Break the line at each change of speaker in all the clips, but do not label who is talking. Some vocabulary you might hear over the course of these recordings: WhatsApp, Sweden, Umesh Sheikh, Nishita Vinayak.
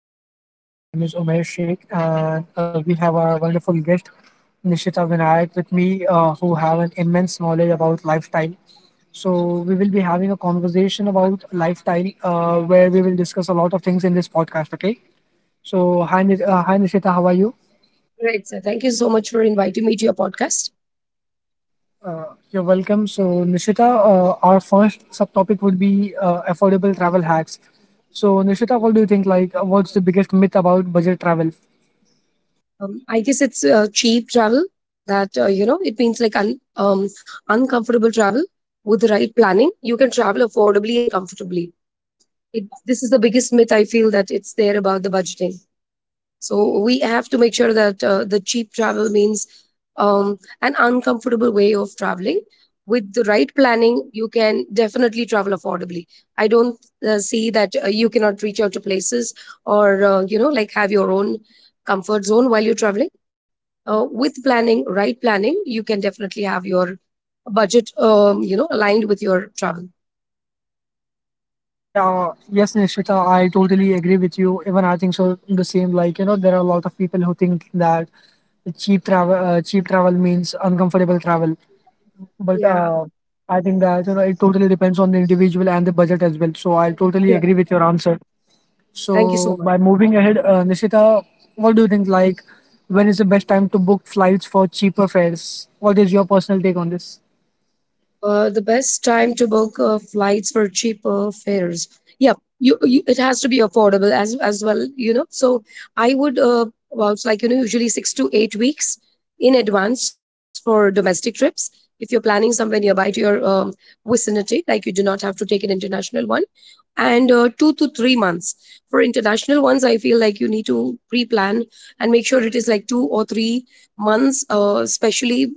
to my podcast. My name is Umesh Sheikh, and we have our wonderful guest, Nishita Vinayak, with me, who have an immense knowledge about lifestyle. So, we will be having a conversation about lifestyle, where we will discuss a lot of things in this podcast. Okay. So, hi, hi Nishita. How are you?
Right, sir. Thank you so much for inviting me to your podcast.
You're welcome. So, Nishita, our first subtopic would be affordable travel hacks. So, Nishita, what do you think? Like, what's the biggest myth about budget travel?
I guess it's cheap travel that you know it means like uncomfortable travel with the right planning. You can travel affordably and comfortably. This is the biggest myth I feel that it's there about the budgeting. So we have to make sure that the cheap travel means an uncomfortable way of traveling. With the right planning, you can definitely travel affordably. I don't see that you cannot reach out to places or you know like have your own comfort zone while you're traveling. With planning, right planning, you can definitely have your budget you know aligned with your travel.
Yeah, yes, Nishita, I totally agree with you. Even I think so the same. Like you know, there are a lot of people who think that cheap travel means uncomfortable travel. But
Yeah.
I think that you know it totally depends on the individual and the budget as well. So I totally
Yeah.
agree with your answer.
Thank you so
So
much.
by moving ahead, Nishita, what do you think? Like, when is the best time to book flights for cheaper fares? What is your personal take on this?
The best time to book flights for cheaper fares. Yep, you it has to be affordable as well, you know. So I would vouch like you know usually 6 to 8 weeks in advance for domestic trips. If you're planning somewhere nearby to your vicinity, like you do not have to take an international one, and 2 to 3 months. For international ones, I feel like you need to pre plan and make sure it is like 2 or 3 months, especially,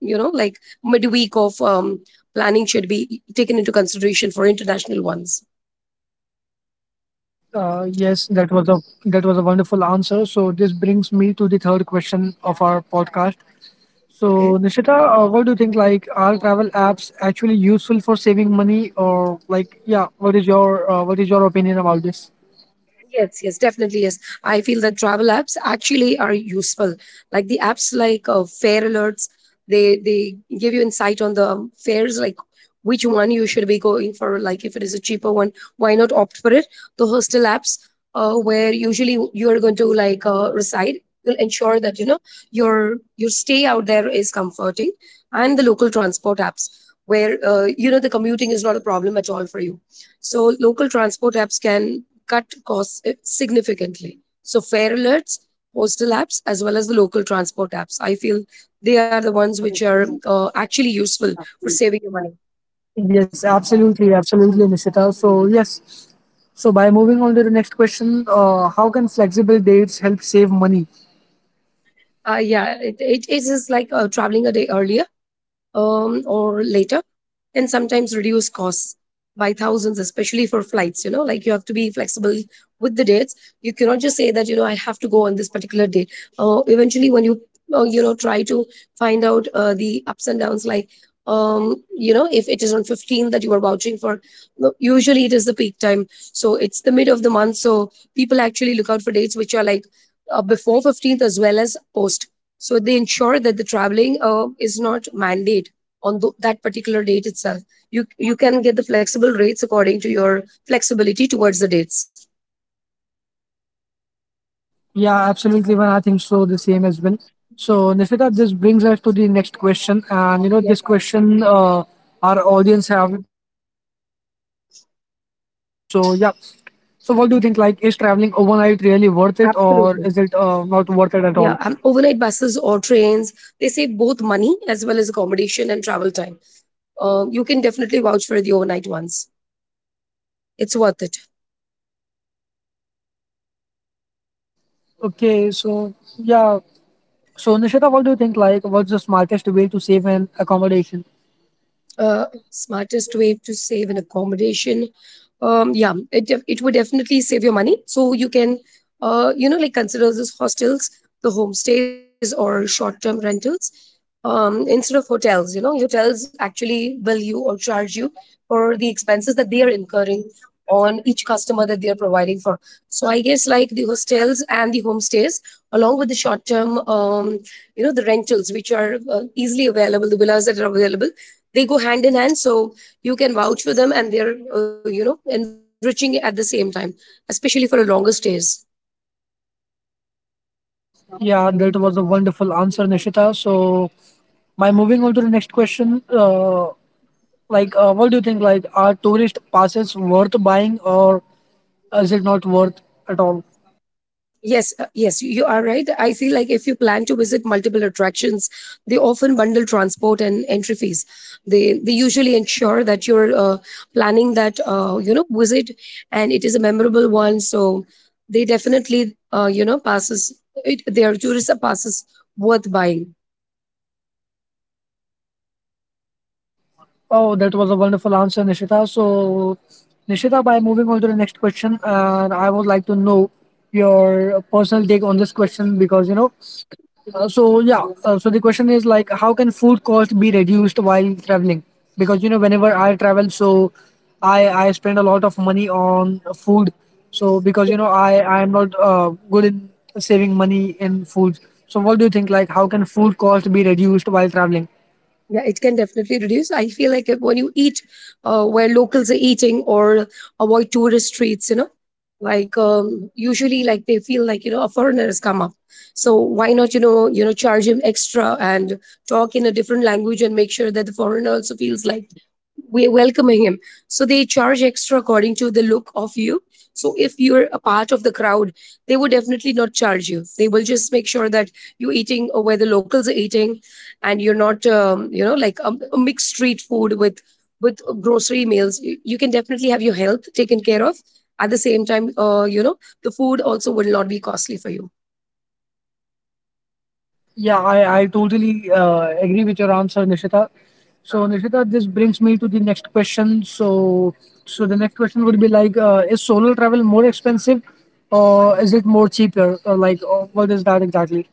you know, like midweek of planning should be taken into consideration for international ones.
Yes, that was a wonderful answer. So this brings me to the third question of our podcast. So
Okay.
Nishita, what do you think? Like, are travel apps actually useful for saving money, or like, yeah, what is your what is your opinion about this?
Yes, yes, definitely yes. I feel that travel apps actually are useful. Like the apps like fare alerts, they give you insight on the fares, like which one you should be going for. Like if it is a cheaper one, why not opt for it? The hostel apps, where usually you are going to like reside, will ensure that you know your stay out there is comforting, and the local transport apps where you know the commuting is not a problem at all for you. So local transport apps can cut costs significantly. So fare alerts, postal apps, as well as the local transport apps. I feel they are the ones which are actually useful for saving your money.
Yes, absolutely, absolutely, Nishita. So yes, so by moving on to the next question, how can flexible dates help save money?
It is like traveling a day earlier or later and sometimes reduce costs by thousands, especially for flights. You know, like you have to be flexible with the dates. You cannot just say that, you know, I have to go on this particular day. Eventually, when you, you know, try to find out the ups and downs, like, you know, if it is on 15 that you are vouching for, no, usually it is the peak time. So it's the mid of the month. So people actually look out for dates which are like before 15th as well as post. So they ensure that the traveling is not mandated on that particular date itself. You can get the flexible rates according to your flexibility towards the dates.
Yeah, absolutely. Even I think so, the same as well. So, Nishita, this brings us to the next question. And, you know,
Yes,
this question, our audience have requested for this question. So, yeah. So, what do you think? Like, is traveling overnight really worth it or is it not
absolutely.
worth it at all?
Yeah, overnight buses or trains they save both money as well as accommodation and travel time. You can definitely vouch for the overnight ones. It's worth it.
Okay, so, yeah. So, Nishita, what do you think? Like, what's the smartest way to save an accommodation?
Smartest way to save an accommodation. Yeah, it it would definitely save your money. So you can, you know, like consider these hostels, the homestays, or short term rentals instead of hotels. You know, hotels actually bill you or charge you for the expenses that they are incurring on each customer that they are providing for. So I guess like the hostels and the homestays, along with the short term, you know, the rentals which are easily available, the villas that are available they go hand in hand so you can vouch for them and they're you know enriching at the same time, especially for longer stays.
Yeah, that was a wonderful answer, Nishita. So, by moving on to the next question, Like, what do you think? Like, are tourist passes worth buying or is it not worth at all?
Yes, yes you are right. I feel like if you plan to visit multiple attractions, they often bundle transport and entry fees. they they usually ensure that you're planning that you know visit and it is a memorable one, so they definitely you know passes, their tourist passes worth buying.
Oh, that was a wonderful answer, Nishita. So, Nishita, by moving on to the next question, and I would like to know your personal take on this question because you know so the question is like, how can food cost be reduced while traveling? Because you know, whenever I travel, so I spend a lot of money on food. So because you know, I am not good in saving money in food. So what do you think? Like, how can food cost be reduced while traveling?
Yeah, it can definitely reduce. I feel like if, when you eat where locals are eating or avoid tourist streets, you know, like usually like they feel like, you know, a foreigner has come up. So why not, you know, charge him extra and talk in a different language and make sure that the foreigner also feels like we're welcoming him. So they charge extra according to the look of you. So if you're a part of the crowd, they will definitely not charge you. They will just make sure that you're eating where the locals are eating, and you're not, you know, like a mixed street food with grocery meals. You can definitely have your health taken care of. At the same time, you know, the food also will not be costly for you.
Yeah, I totally agree with your answer, Nishita. So, Nishita, this brings me to the next question. So, so the next question would be like, is solo travel more expensive, or is it more cheaper? Or like, what is that exactly?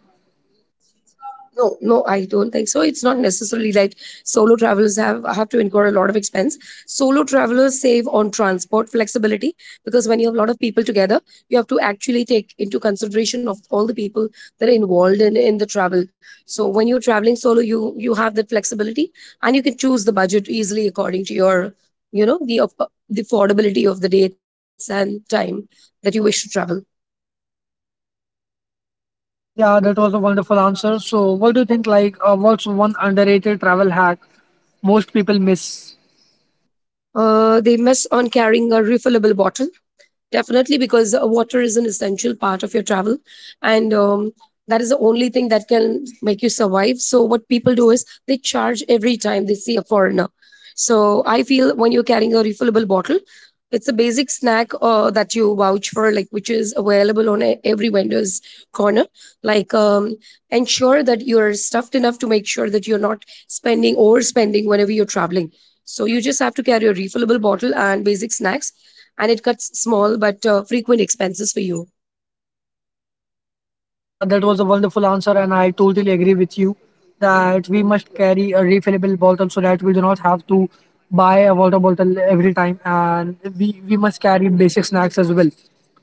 No, no, I don't think so. It's not necessarily like solo travelers have to incur a lot of expense. Solo travelers save on transport flexibility because when you have a lot of people together, you have to actually take into consideration of all the people that are involved in the travel. So when you're traveling solo, you have that flexibility and you can choose the budget easily according to your, you know, the the affordability of the dates and time that you wish to travel.
Yeah, that was a wonderful answer. So, what do you think? Like, what's one underrated travel hack most people miss?
They miss on carrying a refillable bottle. Definitely, because water is an essential part of your travel, and that is the only thing that can make you survive. So, what people do is they charge every time they see a foreigner. So, I feel when you're carrying a refillable bottle, it's a basic snack that you vouch for, like which is available on every vendor's corner. Like, ensure that you're stuffed enough to make sure that you're not spending overspending whenever you're traveling. So, you just have to carry a refillable bottle and basic snacks and it cuts small but frequent expenses for you.
Yeah, that was a wonderful answer, and I totally agree with you that we must carry a refillable bottle so that we do not have to buy a water bottle every time, and we must carry basic snacks as well.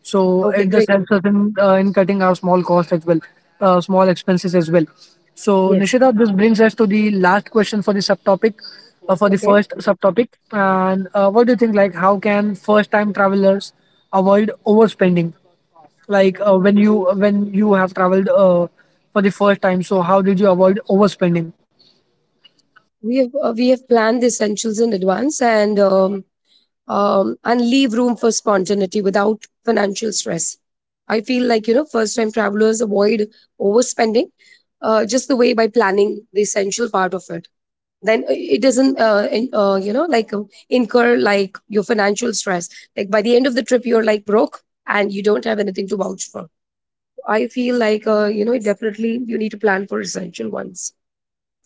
So
Okay,
it just
great.
helps us in cutting our small costs as well, small expenses as well. So
Yes.
Nishita, this brings us to the last question for the subtopic, for the
Okay.
first subtopic, and what do you think? Like, how can first-time travelers avoid overspending? Like when you have traveled for the first time, so how did you avoid overspending?
We have planned the essentials in advance and leave room for spontaneity without financial stress. I feel like you know first time travelers avoid overspending just the way by planning the essential part of it. Then it doesn't you know like incur like your financial stress. Like by the end of the trip, you're like broke and you don't have anything to vouch for. I feel like you know definitely you need to plan for essential ones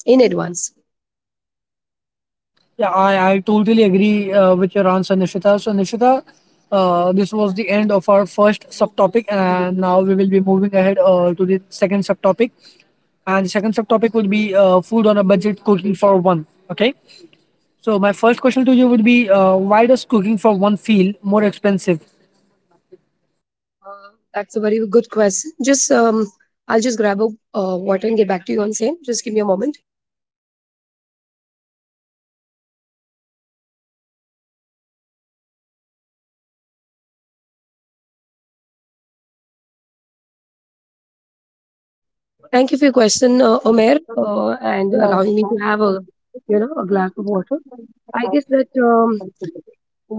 in advance.
Yeah, I totally agree with your answer, Nishita. So, Nishita, this was the end of our first subtopic, and now we will be moving ahead to the second subtopic. And the second subtopic would be food on a budget, cooking for one. Okay. So, my first question to you would be why does cooking for one feel more expensive?
That's a very good question. Just I'll just grab a water and get back to you on same. Just give me a moment. Thank you for your question, Omer, and
Yeah.
allowing me to have a you know a glass of water. I guess that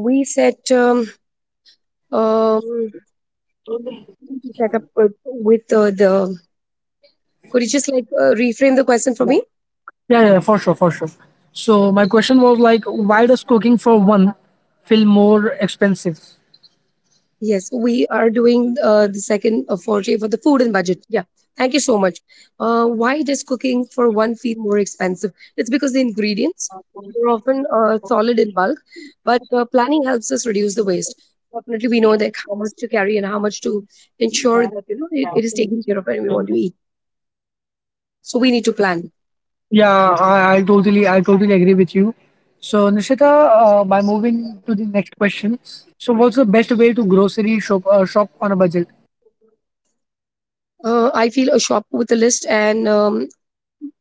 we set um, set up with the. Could you just like reframe the question for me?
Yeah, yeah, for sure, for sure. So my question was like, why does cooking for one feel more expensive?
Yes, we are doing the second foray for the food and budget. Yeah, thank you so much. Why does cooking for one feel more expensive? It's because the ingredients are often solid in bulk, but planning helps us reduce the waste. Definitely, we know like how much to carry and how much to ensure that you know it is taken care of when we want to eat. So we need to plan.
Yeah, I totally agree with you. So Nishita, by moving to the next question, so what's the best way to grocery shop shop on a budget?
I feel a shop with a list and um,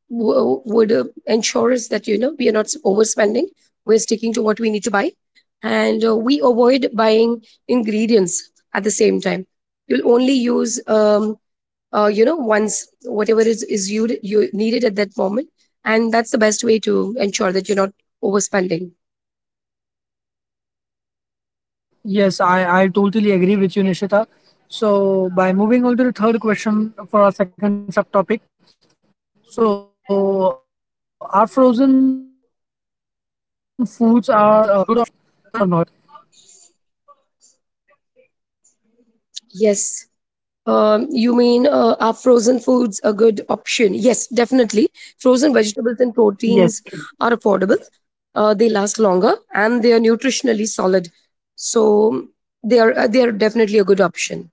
w- would ensure us that you know we are not overspending, we're sticking to what we need to buy and we avoid buying ingredients at the same time. You'll only use you know once whatever is you needed at that moment, and that's the best way to ensure that you're not overspending.
Yes, I totally agree with you, Nishita. So by moving on to the third question for our second subtopic, so are frozen foods are a good option according to you or not?
Yes. You mean are frozen foods a good option? Yes, definitely. Frozen vegetables and
Yes.
proteins are affordable. They last longer and they are nutritionally solid. So they are definitely a good option.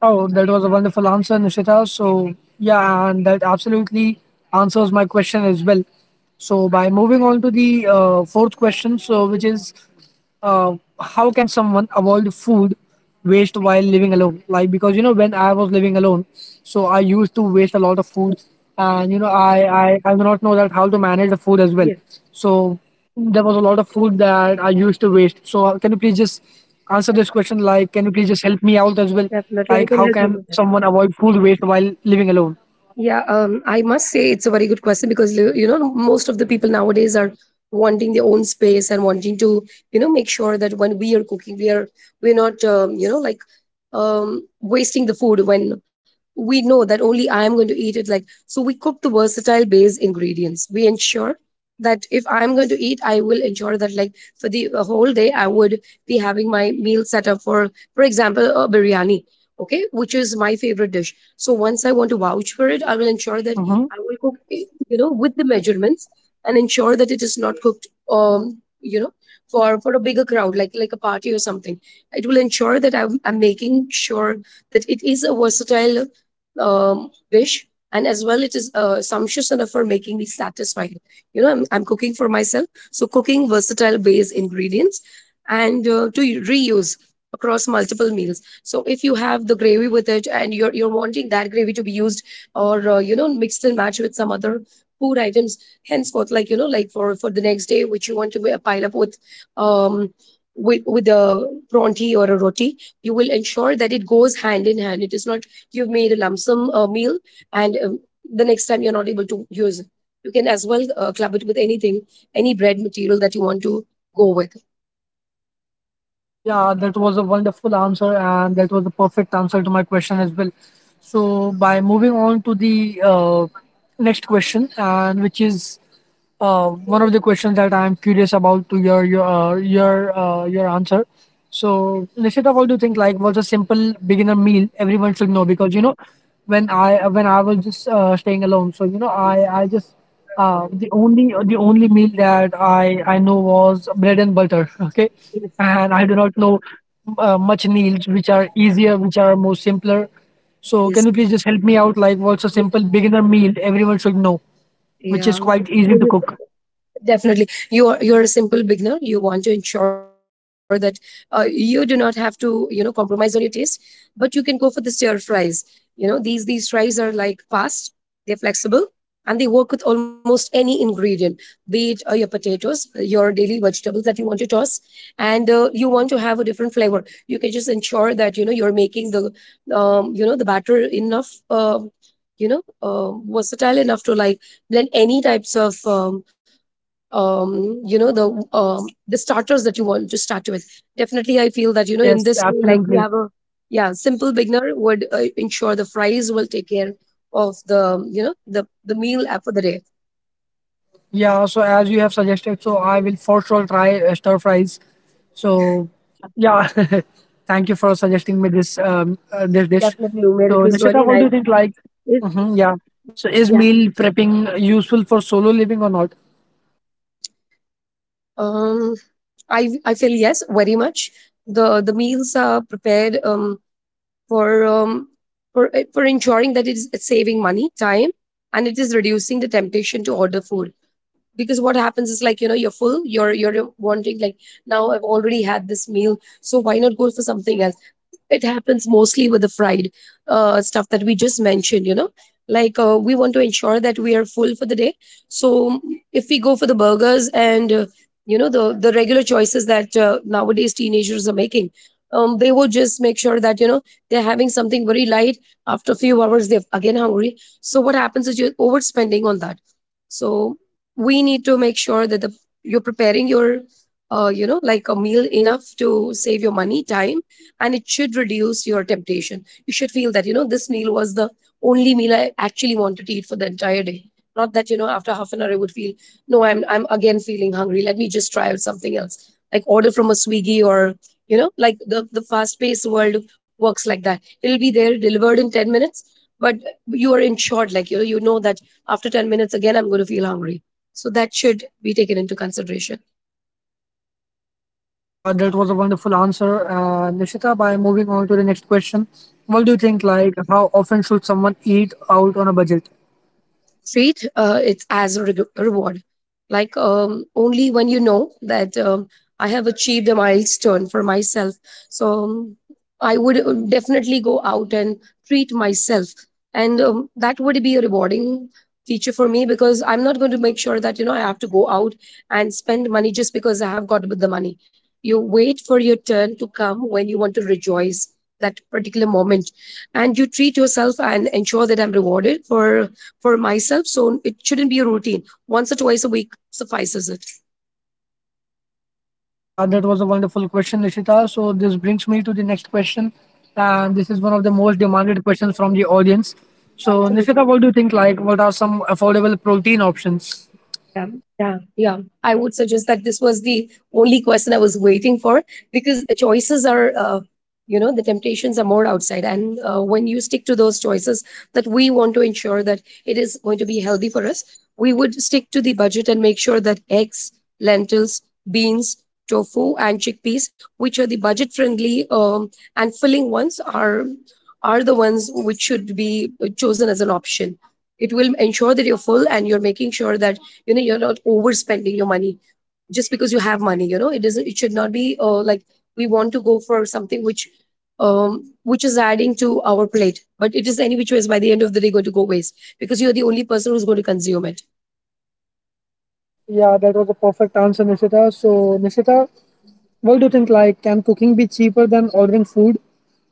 Oh, that was a wonderful answer, Nishita. So, yeah, and that absolutely answers my question as well. So, by moving on to the fourth question, so which is how can someone avoid food waste while living alone? Like, because you know, when I was living alone, so I used to waste a lot of food, and you know, I do not know that how to manage the food
Yes,
as well. So, there was a lot of food that I used to waste. So can you please just
that's
answer this question? Like, can you please just help me
definitely.
out
I
as
can
well?
help you with,
Like, how can someone avoid food waste while
yeah,
living alone?
I must say it's a very good question because you know most of the people nowadays are wanting their own space and wanting to you know make sure that when we are cooking we're not you know like wasting the food when we know that only I am going to eat it. Like so, we cook the versatile base ingredients. We ensure that if I'm going to eat, I will ensure that like for the whole day I would be having my meal set up for example a biryani, okay, which is my favorite dish. So once I want to vouch for it, I will ensure that I will cook, it, you know, with the measurements and ensure that it is not cooked, you know, for a bigger crowd, like a party or something. It will ensure that I'm making sure that it is a versatile dish, and as well it is sumptuous enough for making me satisfied. You know, I'm cooking for myself, so cooking versatile base ingredients and to reuse across multiple meals. So if you have the gravy with it and you're wanting that gravy to be used or you know, mixed and matched with some other food items henceforth, like you know, like for the next day, which you want to pile up um, with a pronti or a roti, you will ensure that it goes hand in hand. It is not you've made a lump sum meal and the next time you're not able to use it. You can as well club it with anything, any bread material that you want to go with.
Yeah, that was a wonderful answer, and that was a perfect answer to my question as well. So, by moving on to the next question, and which is one of the questions that I'm curious about to your answer. So, Nishita, what do you think? Like, what's a simple beginner meal everyone should know? Because you know, when I was just staying alone, so you know, I just the only meal that I know was bread and butter. Okay, and I do not know much meals which are easier, which are more simpler. So
Yes.
can you please just help me out? Like, what's a simple beginner meal everyone should know, which
Yeah.
is quite easy to cook?
Definitely, you're a simple beginner, you want to ensure that you do not have to you know compromise on your taste, but you can go for the stir fries. You know, these fries are like fast, they're flexible, and they work with almost any ingredient, be it your potatoes, your daily vegetables that you want to toss. And you want to have a different flavor, you can just ensure that you know you're making the you know the batter enough, you know, versatile enough to like blend any types of you know, the starters that you want to start with. Definitely, I feel that you know in
Yes,
this way, like you
absolutely.
have a yeah simple beginner would ensure the fries will take care of the you know the meal app for the day.
Yeah, so as you have suggested, so I will for sure try stir fries. So yeah, thank you for suggesting me this this dish.
Definitely, Umer, it
So
was really
Nishita, what do
nice.
you think? Like,
It's,
hmm yeah.
yeah.
So is meal prepping useful for solo living or not?
Um, I feel yes, very much. The meals are prepared for um for ensuring that it is it's saving money, time, and it is reducing the temptation to order food. Because what happens is like you know you're full, you're wanting like, now I've already had this meal, so why not go for something else. It happens mostly with the fried stuff that we just mentioned, you know, like we want to ensure that we are full for the day. So if we go for the burgers and you know the regular choices that nowadays teenagers are making, they will just make sure that you know they're having something very light, after a few hours they're again hungry. So what happens is you're overspending on that. So we need to make sure that the, you're preparing your you know like a meal enough to save your money, time, and it should reduce your temptation. You should feel that you know this meal was the only meal I actually wanted to eat for the entire day, not that you know after half an hour I would feel, no, I'm again feeling hungry, let me just try out something else, like order from a Swiggy, or you know like the fast paced world works like that, it'll be there delivered in 10 minutes. But you are insured, like you know, you know that after 10 minutes again I'm going to feel hungry. So that should be taken into consideration.
Yeah, that was a wonderful answer, Nishita. By moving on to the next question, what do you think? Like, how often should someone eat out on a budget?
Treat it as a reward, like only when you know that I have achieved a milestone for myself. So I would definitely go out and treat myself, and that would be a rewarding feature for me, because I'm not going to make sure that you know I have to go out and spend money just because I have got the money. You wait for your turn to come when you want to rejoice that particular moment, and you treat yourself and ensure that I'm rewarded for myself. So it shouldn't be a routine. Once or twice a week suffices it.
Yeah, that was a wonderful question, Nishita. So this brings me to the next question, and this is one of the most demanded questions from the audience. So Nishita,
Absolutely.
what do you think? Like, what are some affordable protein options?
Yeah, yeah, yeah, I would suggest that this was the only question I was waiting for, because choices are, you know, the temptations are more outside. And when you stick to those choices that we want to ensure that it is going to be healthy for us, we would stick to the budget and make sure that eggs, lentils, beans, tofu, and chickpeas, which are the budget friendly and filling ones, are the ones which should be chosen as an option. It will ensure that you're full and you're making sure that you know you're not overspending your money, just because you have money, you know it doesn't, it should not be like we want to go for something which is adding to our plate but it is any which ways by the end of the day going to go waste, because you're the only person who's going to consume it.
Yeah, that was a perfect answer, Nishita. So Nishita, what do you think? Like, can cooking be cheaper than ordering food?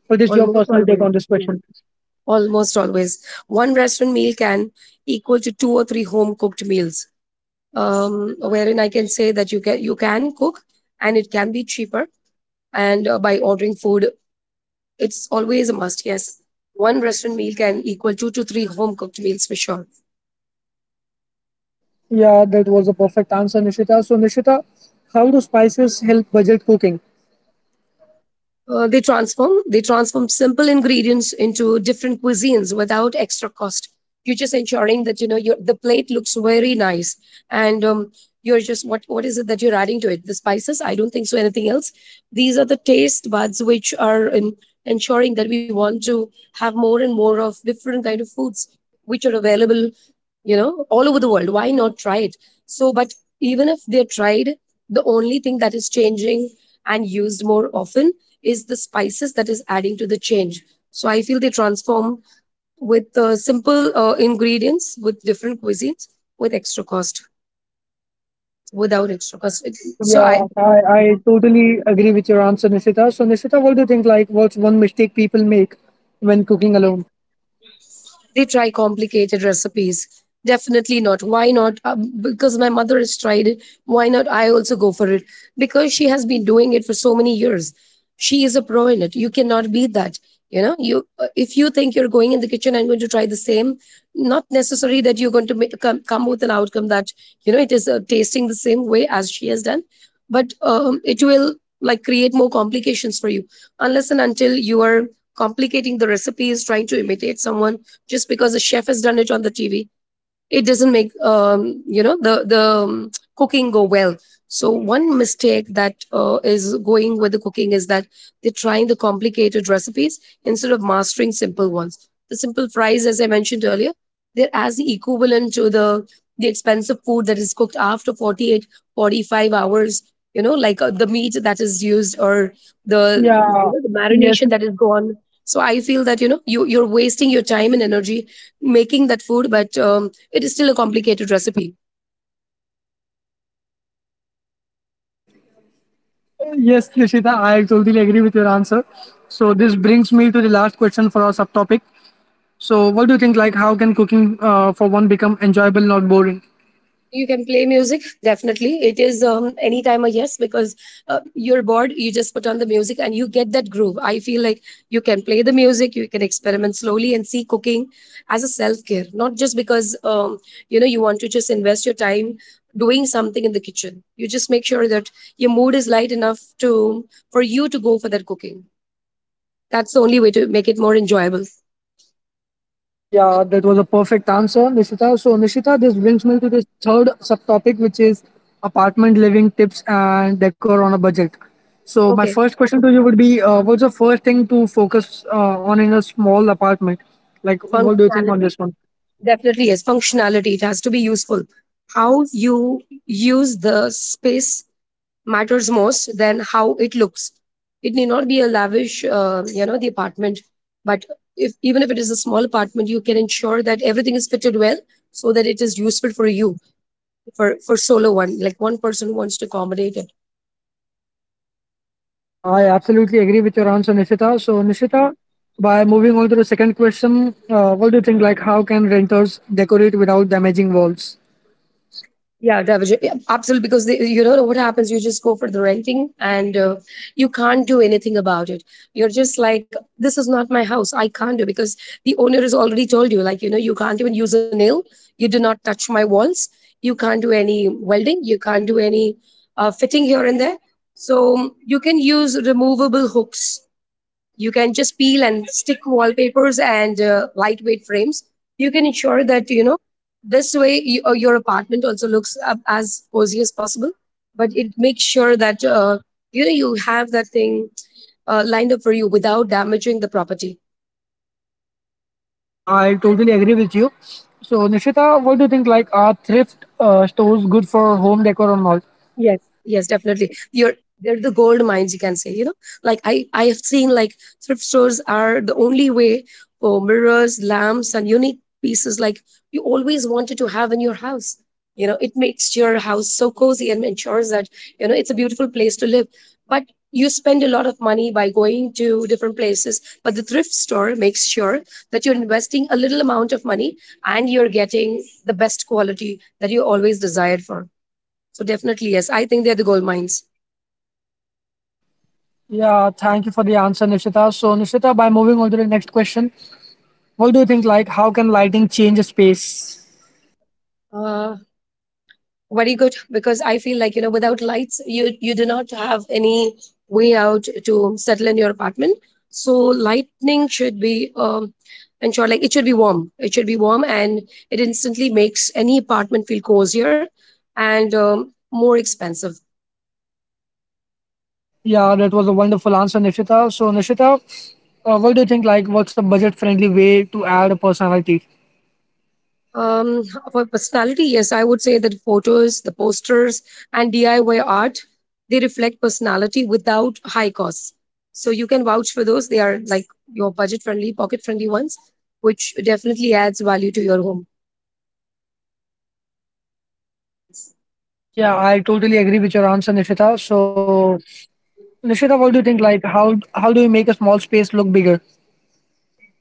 What is your
Almost
personal take
always,
on this
yes.
question?
Almost always one restaurant meal can equal to two or three home cooked meals. Wherein I can say that you can cook and it can be cheaper, and by ordering food. It's always a must, yes. One restaurant meal can equal two to three home cooked meals for sure.
Yeah, that was a perfect answer, Nishita. So Nishita, how do spices help budget cooking?
They transform simple ingredients into different cuisines without extra cost. You're just ensuring that you know your the plate looks very nice, and you're just what is it that you're adding to it? The spices? I don't think so. Anything else? These are the taste buds which are in, ensuring that we want to have more and more of different kind of foods which are available you know, all over the world. Why not try it? So, but even if they're tried, the only thing that is changing and used more often is the spices that is adding to the change. So, I feel they transform with simple ingredients with different cuisines with extra cost, without extra cost. So, I.
Yeah, I totally agree with your answer, Nishita. So, Nishita, what do you think? Like, what's one mistake people make when cooking alone?
They try complicated recipes. Definitely not. Why not? Because my mother has tried it. Why not? I also go for it. Because she has been doing it for so many years. She is a pro in it. You cannot beat that. You know, you if you think you're going in the kitchen and going to try the same, not necessary that you're going to make, come, come with an outcome that you know it is tasting the same way as she has done, but it will like create more complications for you, unless and until you are complicating the recipes, trying to imitate someone, just because a chef has done it on the TV. It doesn't make you know the cooking go well. So one mistake that is going with the cooking is that they're trying the complicated recipes instead of mastering simple ones. The simple fries as I mentioned earlier, they're as the equivalent to the expensive food that is cooked after 48, 45 hours. You know, like the meat that is used or the you
Yeah,
know the
yes,
marination that is gone. So I feel that you know you're wasting your time and energy making that food, but it is still a complicated recipe.
yes, Nishita, I totally agree with your answer. So, this brings me to the last question for our subtopic. So, what do you think? Like, how can cooking for one become enjoyable, not boring?
You can play music, definitely. It is any time a yes, because you're bored, you just put on the music and you get that groove. I feel like you can play the music, you can experiment slowly and see cooking as a self care, not just because you know you want to just invest your time doing something in the kitchen. You just make sure that your mood is light enough to for you to go for that cooking. That's the only way to make it more enjoyable.
Yeah, that was a perfect answer, Nishita. So, Nishita, this brings me to this third subtopic, which is apartment living tips and decor on a budget. So, my
Okay,
first question to you would be what's the first thing to focus on in a small apartment? Like, what do you think on
functionality.
this one?
Definitely is functionality. It has to be useful. How you use the space matters most than how it looks. It need not be a lavish, you know, the apartment, but if even if it is a small apartment, you can ensure that everything is fitted well so that it is useful for you for solo one. Like one person wants to accommodate.
Yeah, I absolutely agree with your answer, Nishita. So, Nishita, by moving on to the second question, what do you think? Like, how can renters decorate without damaging walls?
Yeah, Devajan. Yeah, absolutely. Because they, you know what happens? You just go for the renting and you can't do anything about it. You're just like, this is not my house. I can't do because the owner has already told you, like, you know, you can't even use a nail. You do not touch my walls. You can't do any welding. You can't do any fitting here and there. So you can use removable hooks, you can just peel and stick wallpapers and lightweight frames. You can ensure that, you know, this way your apartment also looks up as cozy as possible, but it makes sure that you know, you have that thing lined up for you without damaging the property.
Yeah, I totally agree with you. So, Nishita, what do you think? Like, are thrift stores good for home decor or not?
Yes, yes, definitely. You're They're the gold mines, you can say. You know, like I have seen, like, thrift stores are the only way for mirrors, lamps, and unique pieces like you always wanted to have in your house. You know, it makes your house so cozy and ensures that, you know, it's a beautiful place to live. But you spend a lot of money by going to different places, but the thrift store makes sure that you're investing a little amount of money and you're getting the best quality that you always desired for. So definitely, yes, I think they're the gold mines.
Yeah, thank you for the answer, Nishita. So, Nishita, by moving on to the next question, what do you think? Like, how can lighting change a space?
Uh, Very good, because I feel like, you know, without lights, you do not have any way out to settle in your apartment. So lightning should be ensured, like, it should be warm. It should be warm, and it instantly makes any apartment feel cozier and more expensive.
Yeah, that was a wonderful answer, Nishita. So, Nishita, what do you think? Like, what's a budget friendly way to add a personality?
Um, for personality, yes, I would say that photos, the posters, and DIY art, they reflect personality without high costs. So you can vouch for those. They are like your budget friendly, pocket friendly ones, which definitely adds value to your home.
Yeah, I totally agree with your answer, Nishita. So, Nishita, what do you think? Like, how do you make a small space look bigger?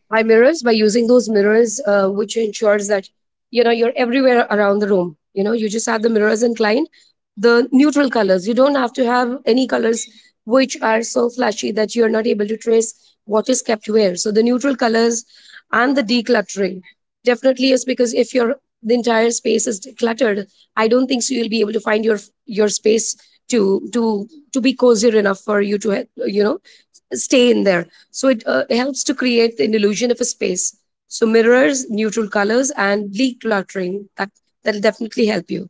By mirrors, by using those mirrors, which ensures that, you know, you're everywhere around the room, you know, you just have the mirrors inclined, the neutral colors. You don't have to have any colors which are so flashy that you're not able to trace what is kept where. So the neutral colors and the decluttering, definitely is, because if your the entire space is cluttered, I don't think so you'll be able to find your space to to to be cozier enough for you to, you know, stay in there. So it helps to create an illusion of a space. So mirrors, neutral colors, and decluttering, that that'll definitely help you.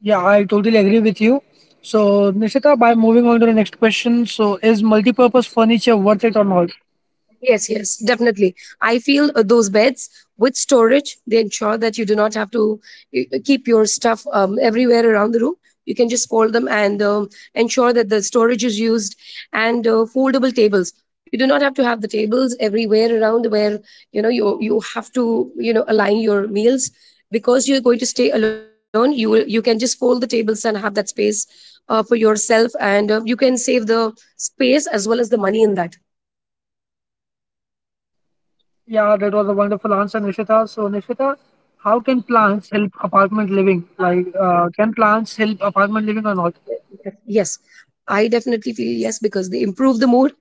Yeah, I totally agree with you. So, Nishita, by moving on to the next question, so is multipurpose furniture worth it or not?
Yes, yes, definitely. I feel those beds with storage, they ensure that you do not have to keep your stuff everywhere around the room. You can just fold them and ensure that the storage is used, and foldable tables. You do not have to have the tables everywhere around where, you know, you have to, you know, align your meals, because you're going to stay alone. You will, you can just fold the tables and have that space for yourself, and you can save the space as well as the money in that.
Yeah, that was a wonderful answer, Nishita. So, Nishita, how can plants help apartment living? Like, can plants help apartment living or not?
Yes, I definitely feel yes, because they improve the mood,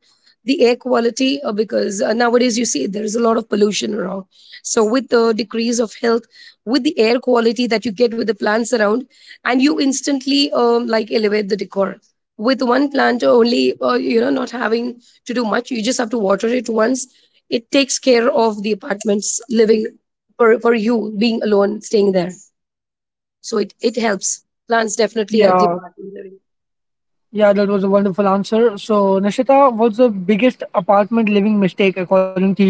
the air quality. Because nowadays you see there is a lot of pollution around. So with the decrease of health, with the air quality that you get with the plants around, and you instantly like elevate the decor. With one plant only, you know, not having to do much, you just have to water it once. It takes care of the apartment's living, for you being alone, staying there. So it helps. Plants definitely help the
Yeah,
apartment living.
yeah, that was a wonderful answer. So, Nishita, what's the biggest apartment living mistake according to you?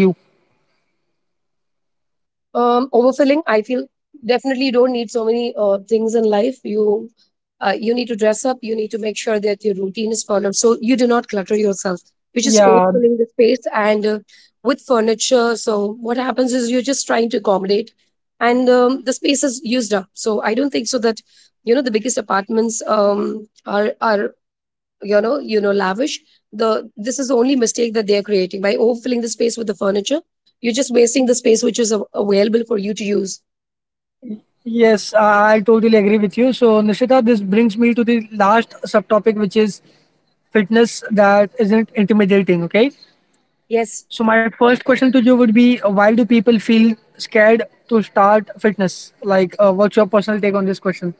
Overfilling. I feel definitely you don't need so many things in life. You, you need to dress up. You need to make sure that your routine is followed, so you do not clutter yourself, which just
Yeah,
overfilling the space. And with furniture, so what happens is you're just trying to accommodate, and the space is used up. So I don't think so that, you know, the biggest apartments are, you know, you know, lavish. The This is the only mistake that they are creating, by overfilling the space with the furniture, you're just wasting the space which is av- available for you to use.
yes, I totally agree with you. So, Nishita, this brings me to the last subtopic, which is fitness that isn't intimidating, okay?
Yes,
So my first question to you would be why do people feel scared to start fitness? Like what's your personal take on this question?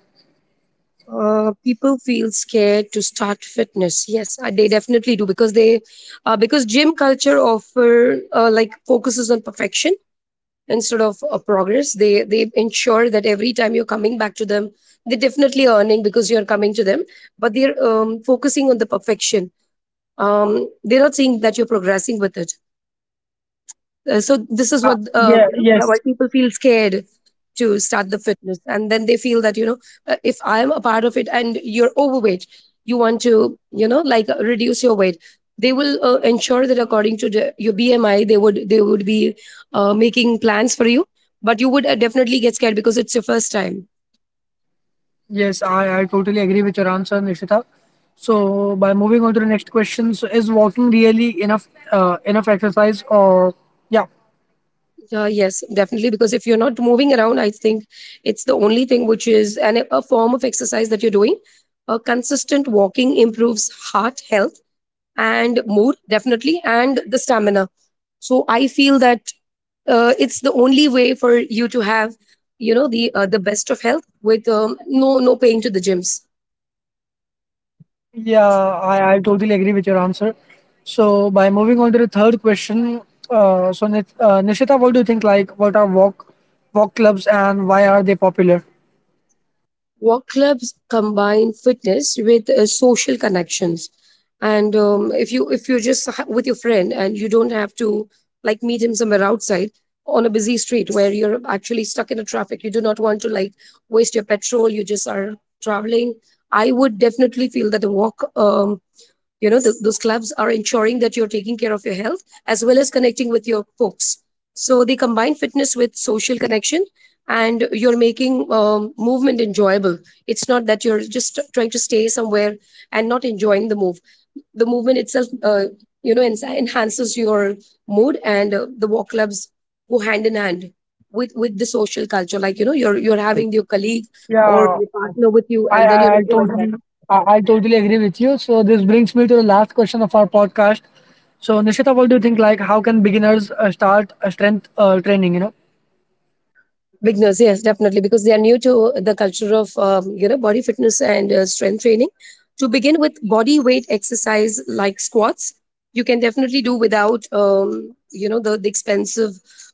people feel scared to start fitness, yes, they definitely do, because they, because gym culture offer, like, focuses on perfection instead of progress. They ensure that every time you're coming back to them, they're definitely earning because you're coming to them, but they're focusing on the perfection. They're not seeing that you're progressing with it. So this is
Yeah,
what,
yeah,
you know,
yes.
why people feel scared to start the fitness, and then they feel that, you know, if I'm a part of it and you're overweight, you want to, you know, like, reduce your weight. They will ensure that according to the, your BMI, they would be making plans for you, but you would definitely get scared because it's your first time.
Yes, I totally agree with your answer, Nishita. So by moving on to the next question, so is walking really enough exercise or yeah,
Yes, definitely. Because if you're not moving around, I think it's the only thing which is a form of exercise that you're doing. A consistent walking improves heart health, and more definitely, and the stamina. So I feel that it's the only way for you to have, you know, the, the best of health, with no paying to the gyms.
Yeah, I totally agree with your answer. So by moving on to the third question, so Nishita, what do you think? Like, what are walk clubs and why are they popular?
Walk clubs combine fitness with social connections. And if you, if you're just ha- with your friend, and you don't have to, like, meet him somewhere outside on a busy street where you're actually stuck in a traffic, you do not want to, like, waste your petrol, you just are traveling. I would definitely feel that the walk, you know, th those clubs are ensuring that you're taking care of your health as well as connecting with your folks. So they combine fitness with social connection, and you're making movement enjoyable. It's not that you're just trying to stay somewhere and not enjoying the move, the movement itself, you know, enhances your mood. And the walk clubs go hand in hand with the social culture, like, you know, you're having your colleague or
Yeah,
your partner with you,
I
and then
I,
you're
I
enjoying that.
totally I totally agree with you. So this brings me to the last question of our podcast. So Nishita, what do you think? Like, how can beginners start strength training? You know.
Beginners, yes, definitely, because they are new to the culture of you know, body fitness and strength training. To begin with, body weight exercise like squats, you can definitely do without, you know, the expensive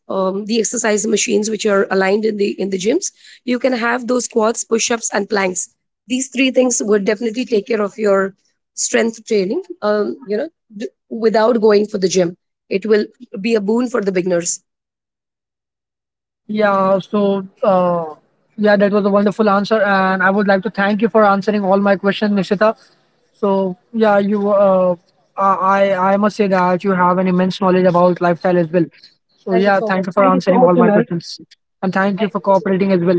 the exercise machines which are aligned in the gyms. You can have those squats, push ups, and planks. These three things would definitely take care of your strength training. You know, without going for the gym, it will be a boon for the beginners.
Yeah, so yeah, that was a wonderful answer, and I would like to thank you for answering all my questions, Nishita. So yeah, you I must say that you have an immense knowledge about lifestyle as well. So
Thank you
yeah,
so much.
thank you for
Thank you so
answering
much,
all my
Amir.
questions, and thank you for cooperating as well.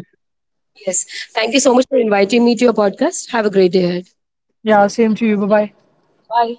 Yes. Thank you so much for inviting me to your podcast. Have a great day ahead.
Yeah, same to you. Bye bye.
Bye.